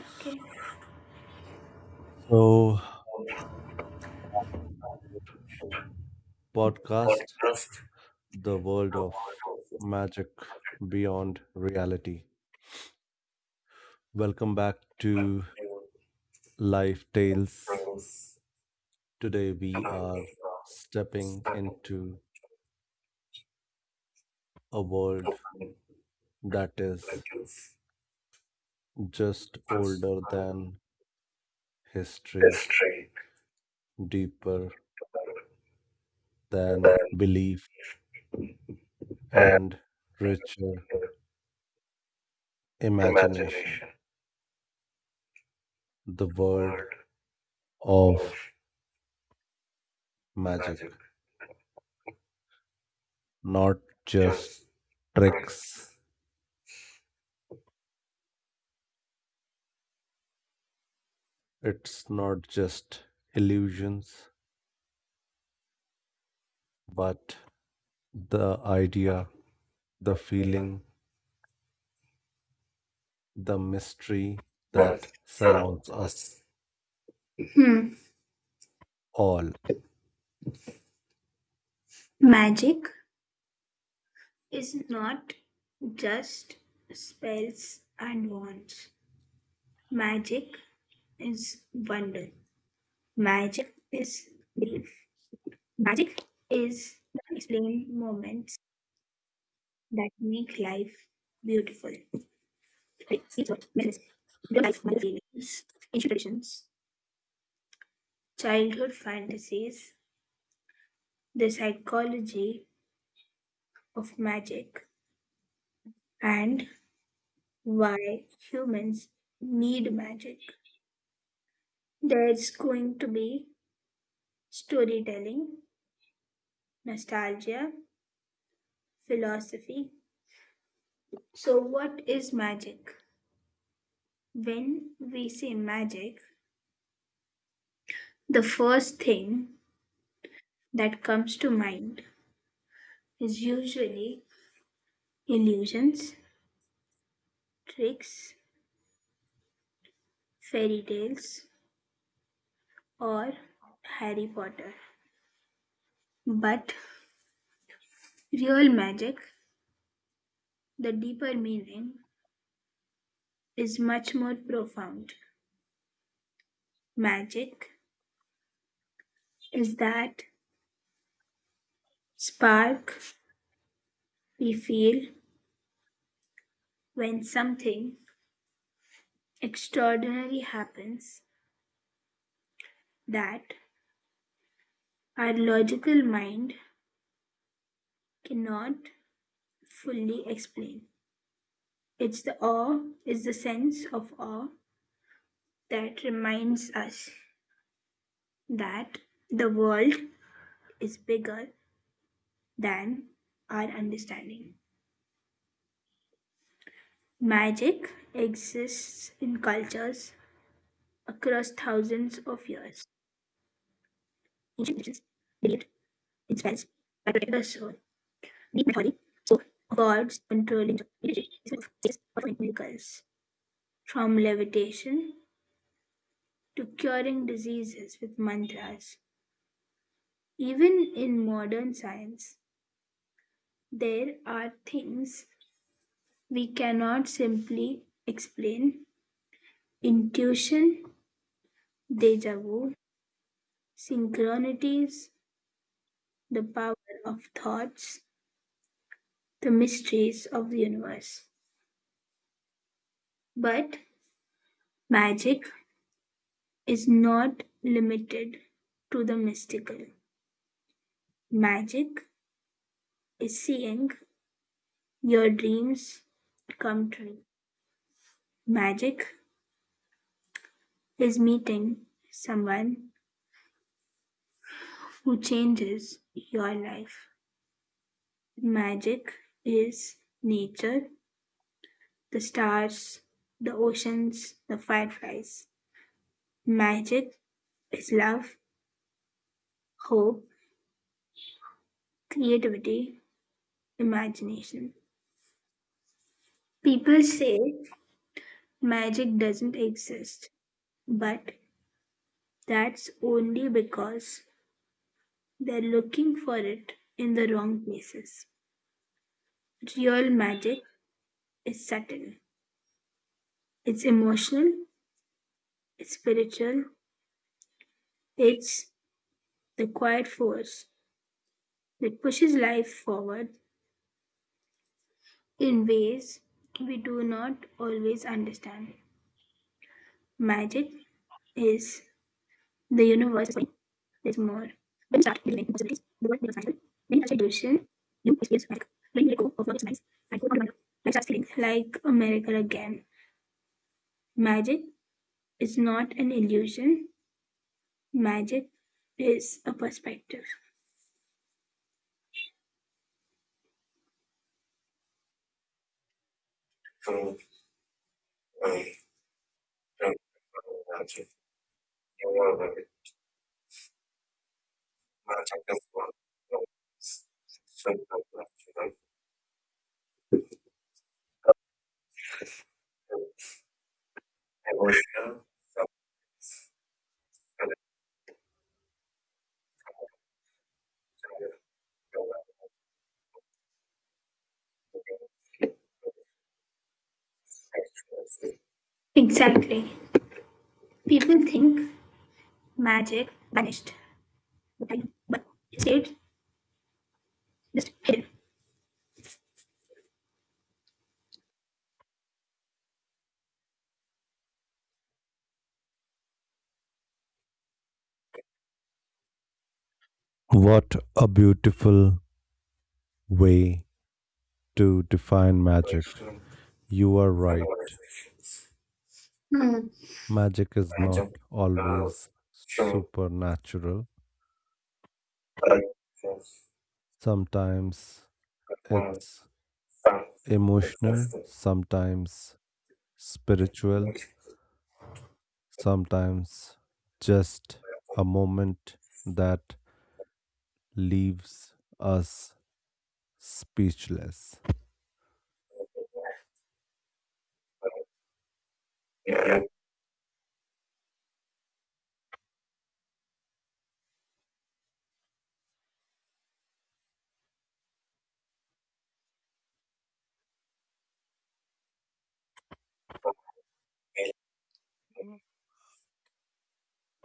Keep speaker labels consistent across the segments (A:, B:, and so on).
A: Okay.
B: So, Podcast,
A: Podcast
B: the world of
A: about
B: magic beyond reality. Welcome back
A: perspective
B: to Life
A: of
B: Tales.
A: things
B: Today, we
A: among
B: are
A: uh,
B: stepping
A: certain
B: into a world
A: company
B: that is
A: relatives
B: just
A: first
B: older than history,
A: history
B: deeper than
A: then
B: belief,
A: and
B: and richer imagination.
A: imagination
B: The world
A: world
B: of
A: of
B: magic,
A: magic
B: not just
A: just
B: tricks.
A: brings
B: It's not just illusions, but the idea,
A: the
B: the
A: vision
B: feeling, the mystery
A: that
B: that surrounds
A: surrounds
B: us
A: us. Hmm.
B: all.
A: Magic is not just spells and wands. Magic is wonder. Magic is belief. Magic is the unexplained moments that make life beautiful. Like nature, wellness, real life mother feelings, ancient traditions, childhood fantasies, the psychology of magic, and why humans need magic. There's going to be storytelling, nostalgia, philosophy. So, what is magic? When we say magic, the first thing that comes to mind is usually illusions, tricks, fairy tales, or Harry Potter. But real magic, the deeper meaning, is much more profound. Magic is that spark we feel when something extraordinary happens that our logical mind cannot fully explain. It's the awe, it's the sense of awe that reminds us that the world is bigger than our understanding. Magic exists in cultures across thousands of years. Ancient Egyptians believed in spells that protected the soul. Greek mythology spoke of gods controlling the spirit of miracles. From levitation to curing diseases with mantras. Even in modern science, there are things we cannot simply explain: intuition, deja vu, synchronicities, the power of thoughts, the mysteries of the universe. But magic is not limited to the mystical. Magic is seeing your dreams come true. Magic is meeting someone who changes your life. Magic is nature, the stars, the oceans, the fireflies. Magic is love, hope, creativity, imagination. People say magic doesn't exist, but that's only because they're looking for it in the wrong places. Real magic is subtle, it's emotional, spiritual, it's the quiet force that pushes life forward in ways we do not always understand. Magic is the universe. There's more. When you start believing in possibilities, the world becomes magical. When you touch a illusion, you experience magic. When you let go of what is nice and hold on to wonder, life starts feeling like a miracle again. Magic is not an illusion. Magic is a perspective. True. True. True. True. Exactly. People think magic vanished, but it stayed just hidden.
B: What a beautiful way to define magic. You are right. Magic is not always supernatural. Sometimes it's emotional, sometimes spiritual, sometimes just a moment that leaves us speechless.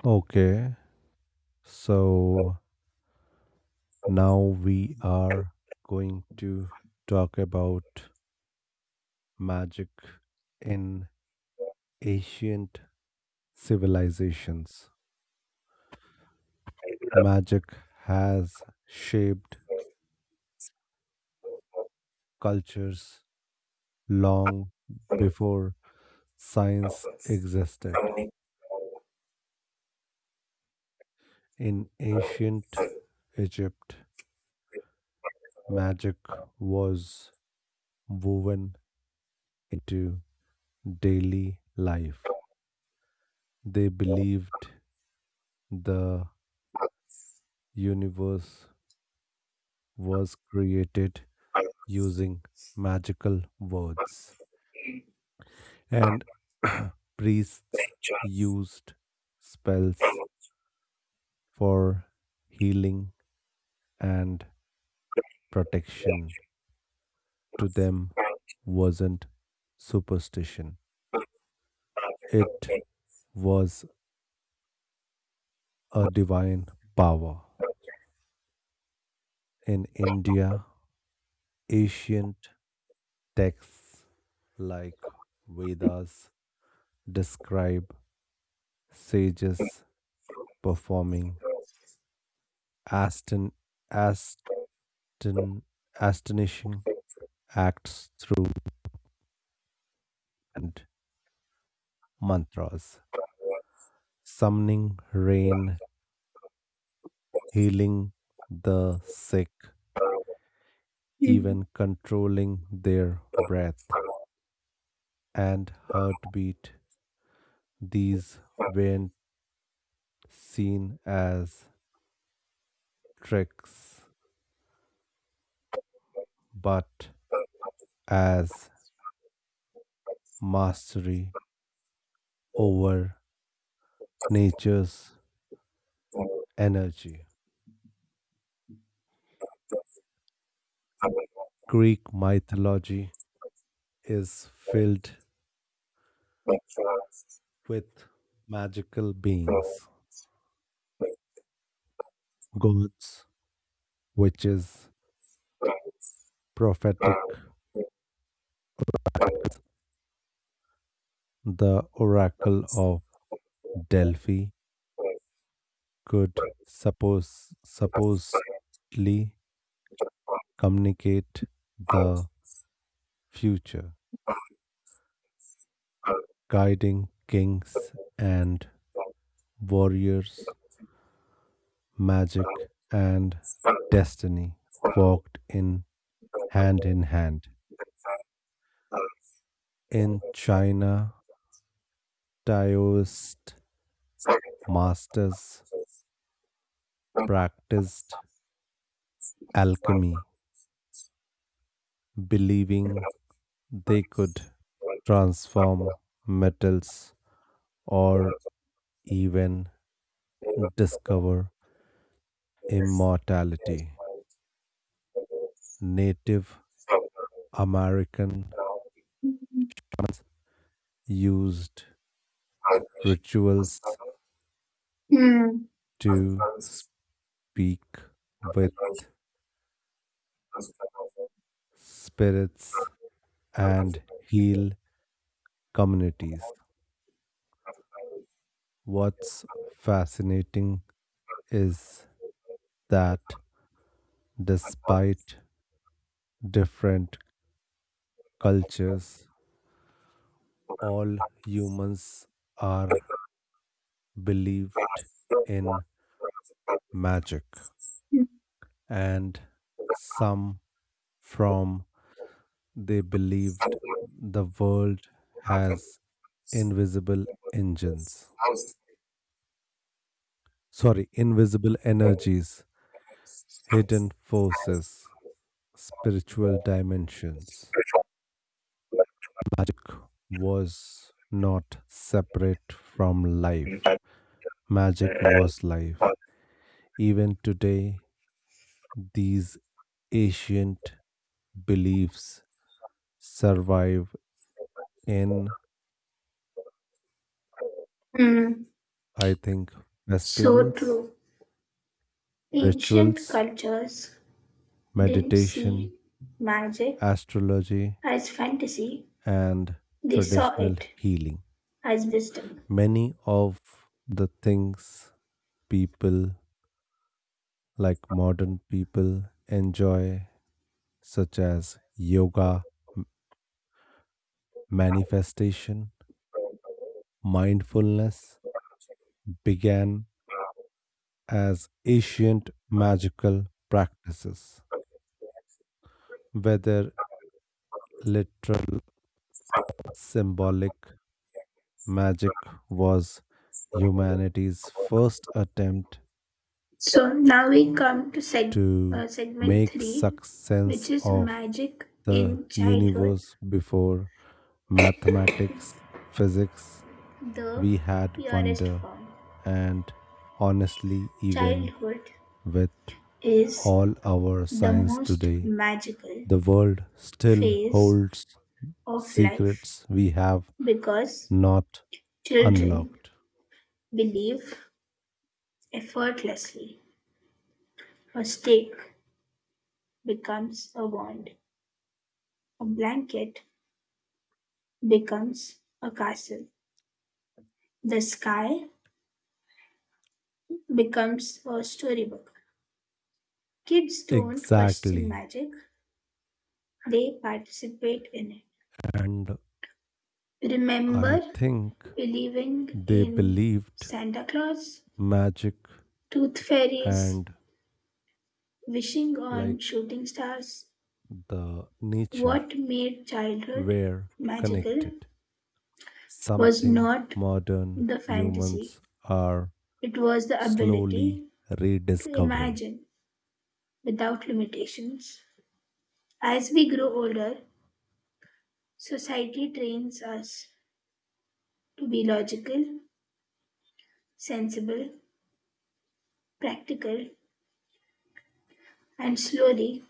B: Okay, so now we are going to talk about magic in ancient civilizations. Magic has shaped cultures long
A: Hmm.
B: before
A: Mm.
B: science existed. In ancient Egypt, magic was woven into daily life. They believed the universe was created using magical words, and priests used spells for healing and protection. To them, wasn't superstition, it was a divine power. In India, ancient texts like Vedas describe sages performing aston, aston, astonishing acts through and mantras, summoning rain, healing the sick, even controlling their breath and heartbeat. These weren't seen as tricks but as mastery over nature's energy. Greek mythology is filled with magical beings, gods, witches, prophetic. The oracle of Delphi could supposedly communicate the future, guiding kings and warriors magic, and destiny
A: That's fine.
B: walked in hand in hand. In China, Taoist masters practiced alchemy, believing they could transform metals or even discover immortality. Native American used rituals
A: Hmm.
B: to speak with spirits, and heal communities. What's fascinating is that despite different cultures, all humans are believed in magic, and some from they believed the world has invisible engines sorry invisible energies, hidden forces, spiritual dimensions. Magic was not separate from life, magic was life. Even today, these ancient beliefs survive in,
A: Mm,
B: I think,
A: so
B: festivals,
A: true. Ancient
B: rituals,
A: cultures didn't
B: meditation,
A: see magic
B: astrology,
A: as fantasy,
B: and
A: they saw
B: traditional
A: it
B: healing.
A: as wisdom.
B: Many of the things people like modern people enjoy, such as yoga, manifestation, mindfulness, began as ancient magical practices. Whether literal symbolic magic was humanity's first attempt
A: So now we come to seg-
B: to
A: segment
B: make
A: three,
B: such sense
A: which is
B: of
A: magic
B: the
A: in childhood,
B: universe before mathematics, physics,
A: the
B: we had
A: purest
B: wonder
A: form.
B: and honestly even
A: Childhood
B: with
A: is
B: all our
A: the
B: science
A: most
B: today
A: magical
B: the world still
A: phase
B: holds
A: of life
B: secrets we have
A: because
B: not
A: children
B: unlocked
A: believe effortlessly. A stick becomes a wand, a blanket becomes a castle, the sky becomes a storybook. Kids don't question
B: exactly
A: magic, they participate in
B: and
A: it.
B: I
A: Remember
B: think
A: believing
B: they
A: in
B: believed
A: Santa Claus,
B: magic
A: tooth fairies,
B: and
A: wishing on
B: like
A: shooting stars?
B: the nature
A: What made childhood
B: were
A: magical
B: connected,
A: was
B: something
A: not
B: modern
A: the fantasy,
B: humans are
A: it was the
B: slowly
A: ability to
B: rediscovering.
A: imagine without limitations. As we grow older, society trains us to be logical, sensible, practical, and slowly,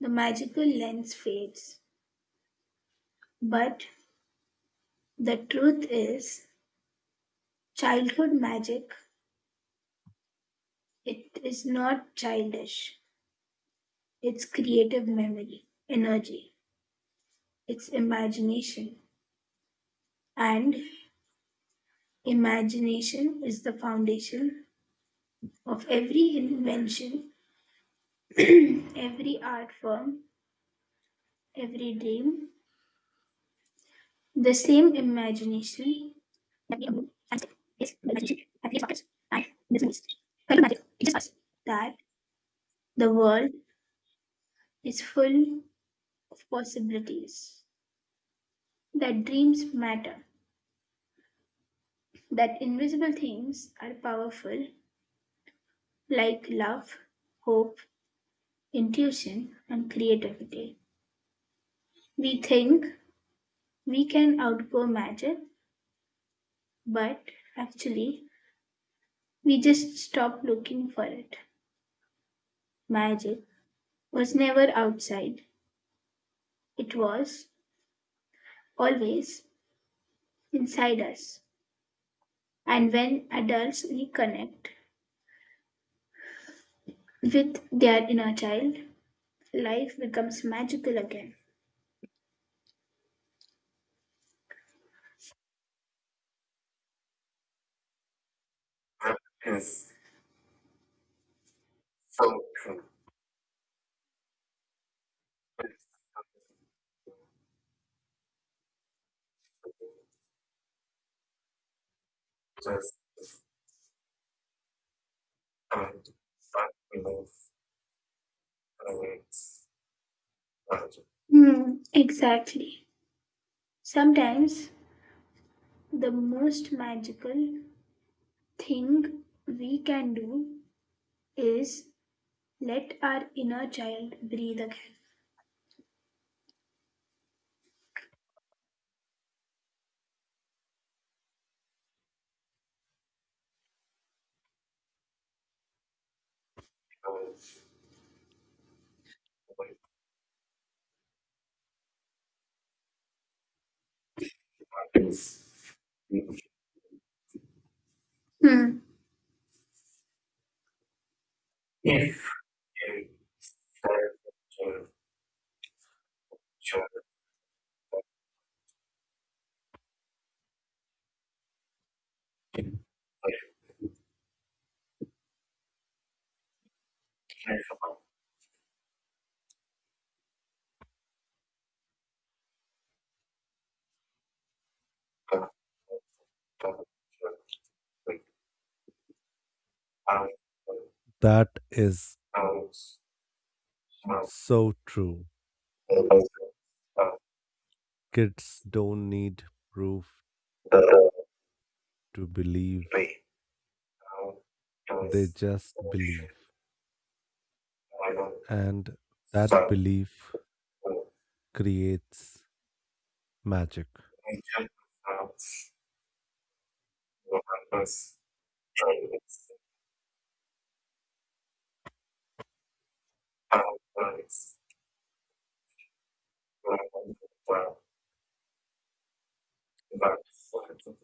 A: the magical lens fades. But the truth is, childhood magic, it is not childish. It's creative memory, energy, it's imagination. And imagination is the foundation of every invention, every art form, every dream. The same imagination that the world is full of possibilities. That dreams matter. That invisible things are powerful, like love, hope, intuition, and creativity. We think we can outgo magic, but actually, we just stop looking for it. Magic was never outside, it was always inside us. And when adults reconnect with their inner child, life becomes magical again. That is so true. It just can't stop love and it's magic. Hmm, exactly. Sometimes the most magical thing we can do is let our inner child breathe again. Because when that is beautiful, hmm. if you try to show that you care about that, that, that, like, I
B: That is
A: House, um,
B: so true.
A: the, uh,
B: Kids don't need proof
A: the,
B: to believe,
A: the, um,
B: they
A: was,
B: just believe.
A: I know,
B: And that
A: so,
B: belief
A: um,
B: creates magic.
A: we just, um, the purpose, it's, um, but it's, um, well, but, but,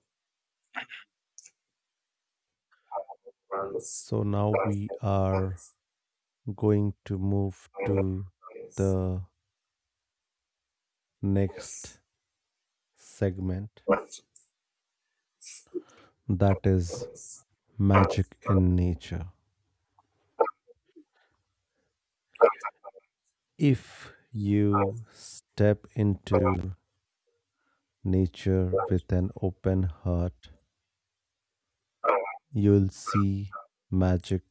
A: it's,
B: So now we
A: but, um,
B: are going to move
A: I know,
B: to
A: it's,
B: the next
A: it's,
B: segment
A: but, it's,
B: that is
A: it's, uh, but,
B: magic
A: uh,
B: in nature.
A: but,
B: If
A: uh,
B: you step
A: but, uh,
B: into nature
A: but, uh, but,
B: with an open heart, you'll see magic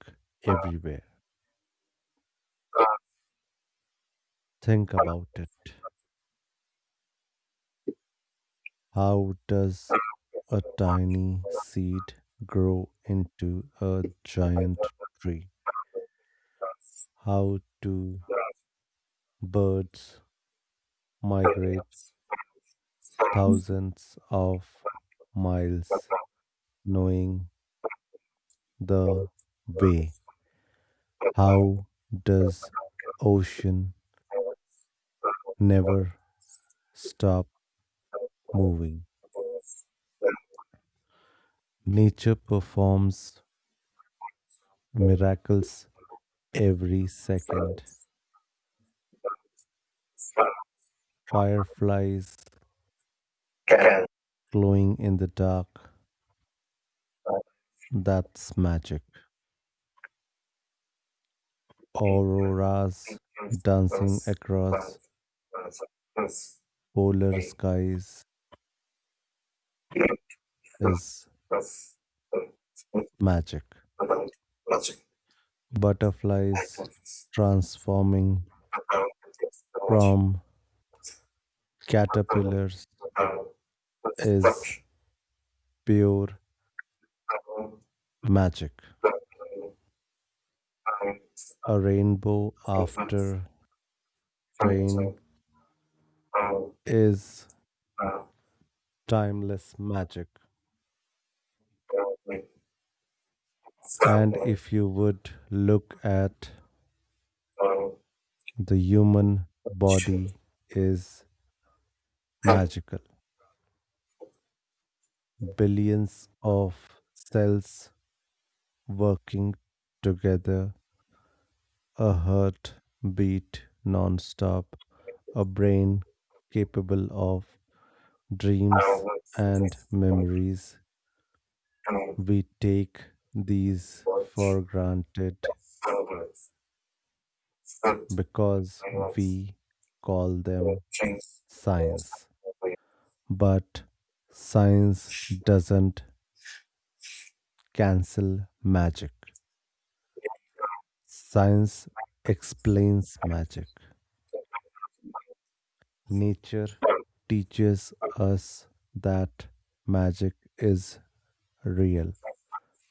B: everywhere. Think about it. How does
A: uh, but,
B: a
A: uh,
B: tiny seed grow into a
A: but, uh, but,
B: giant tree? How do birds
A: uh, but,
B: migrate
A: uh, but,
B: thousands of miles knowing the way? How does ocean never stop moving? Nature performs miracles every second. Fireflies
A: Karen,
B: glowing in the dark, that's magic. Auroras dancing across polar skies is magic.
A: about logic,
B: Butterflies
A: hypothesis,
B: transforming
A: about logic,
B: from caterpillars
A: about
B: is pure magic. A rainbow
A: construction,
B: after
A: about
B: rain
A: the I'll
B: is
A: not
B: timeless magic.
A: go with
B: And
A: something
B: if you would look at
A: on
B: the human
A: should
B: body is
A: come
B: magical, billions of cells working together, a heart beat non-stop, a brain capable of
A: out of
B: dreams and
A: this like
B: memories. We take these
A: watch
B: for granted
A: that celebrates food
B: because
A: and of
B: we call them
A: change.
B: science. But science doesn't cancel magic. Science explains magic. Nature teaches us that magic is real,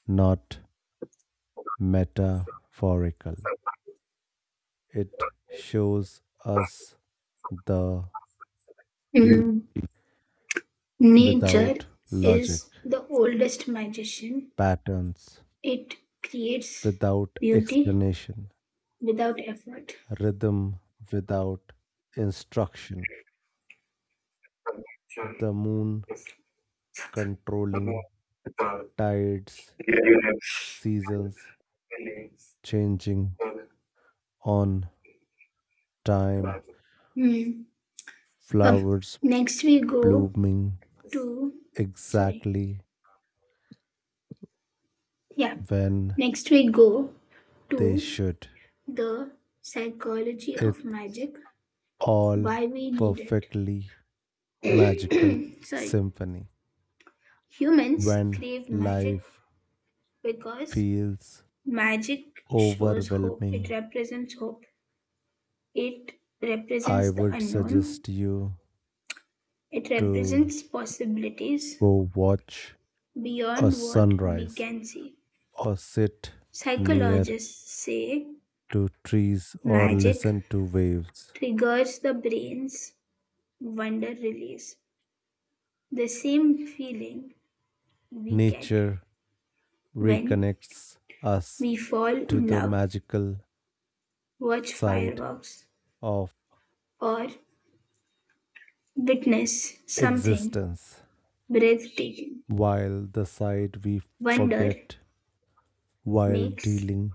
B: not metaphorical. It shows us the beauty
A: Mm. Nature
B: without logic,
A: is the oldest magician.
B: patterns
A: It creates
B: without
A: beauty
B: explanation,
A: without effort.
B: rhythm without instruction,
A: Connection
B: the moon
A: is more
B: controlling tides,
A: the universe
B: seasons
A: believes
B: changing
A: in.
B: on time,
A: Mm. Um,
B: flowers
A: Next we go
B: blooming
A: to, sorry.
B: exactly
A: Yeah.
B: when
A: Next we go
B: they
A: to
B: should.
A: the psychology of
B: It's
A: magic,
B: all
A: why we need it.
B: perfectly magical
A: Sorry.
B: symphony.
A: Humans
B: When
A: crave magic
B: life
A: because
B: feels
A: magic shows hope. It
B: overwhelming,
A: represents hope. It
B: I
A: represents the
B: would
A: unknown.
B: suggest you
A: It
B: to
A: represents possibilities
B: go watch a
A: beyond what we
B: sunrise
A: can see.
B: or sit near
A: Psychologists say
B: to trees or
A: magic
B: listen to waves.
A: triggers the brain's wonder release, the same feeling we get
B: Nature
A: when
B: reconnects us
A: we fall
B: to
A: in
B: the
A: love,
B: magical
A: watch
B: side
A: fireworks,
B: of
A: or witness something
B: existence,
A: breathtaking.
B: while the side we
A: Wonder
B: forget while
A: makes
B: dealing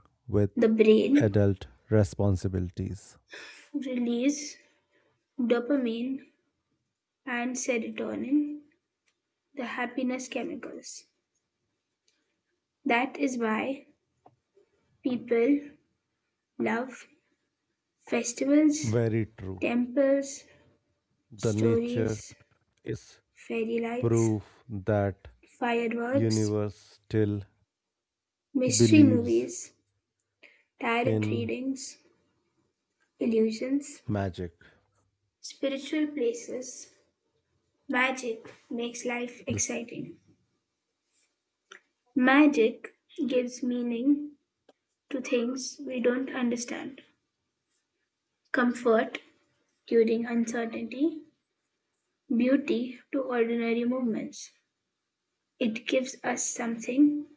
A: the
B: with
A: brain
B: adult responsibilities.
A: release dopamine and serotonin, the happiness chemicals. That is why people love festivals,
B: Very true.
A: temples,
B: The nature
A: stories,
B: is
A: fairy lights,
B: proof that
A: fireworks,
B: universe still
A: mystery
B: believes
A: movies, tarot
B: in
A: readings, illusions,
B: magic.
A: spiritual places. Magic makes life
B: This.
A: exciting. Magic gives meaning to things we don't understand. Comfort during uncertainty, beauty to ordinary moments. It gives us something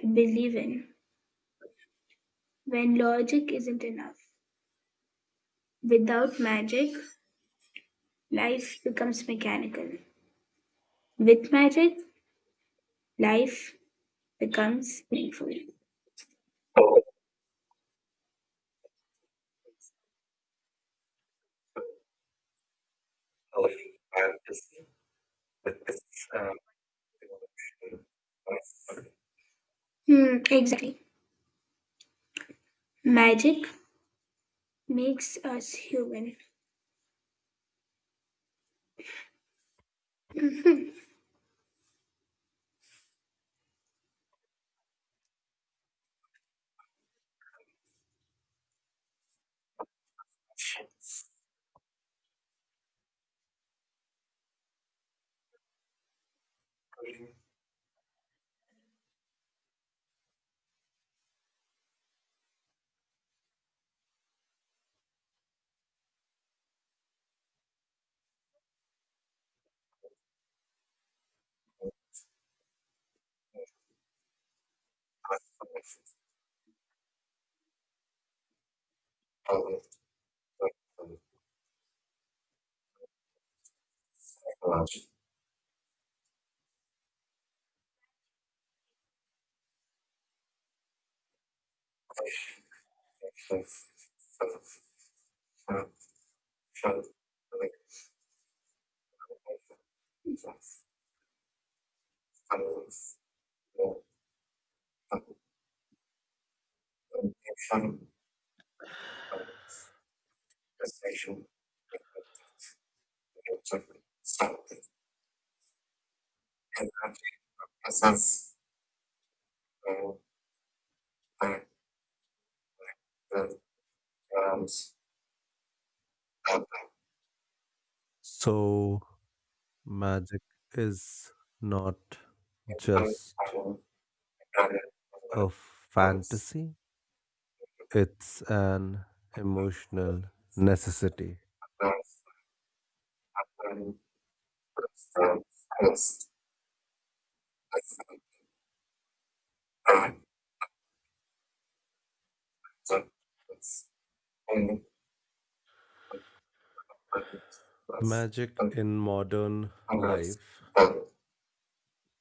A: to believe in when logic isn't enough. Without magic, life becomes mechanical. With marriage, life becomes meaningful. Hmm, exactly. Magic makes us human. I
B: So, magic is not just a fantasy, it's an emotional necessity. Magic in modern life,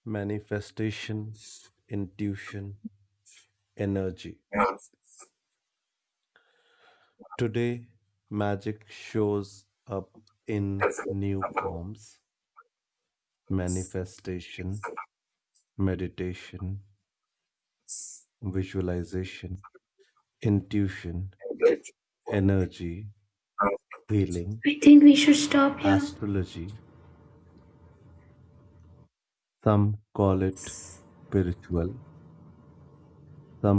B: manifestation, intuition, energy. Today, magic shows up in new forms manifestation, meditation, visualization, intuition, energy, healing,
A: think we should stop here.
B: astrology. Some call it spiritual, some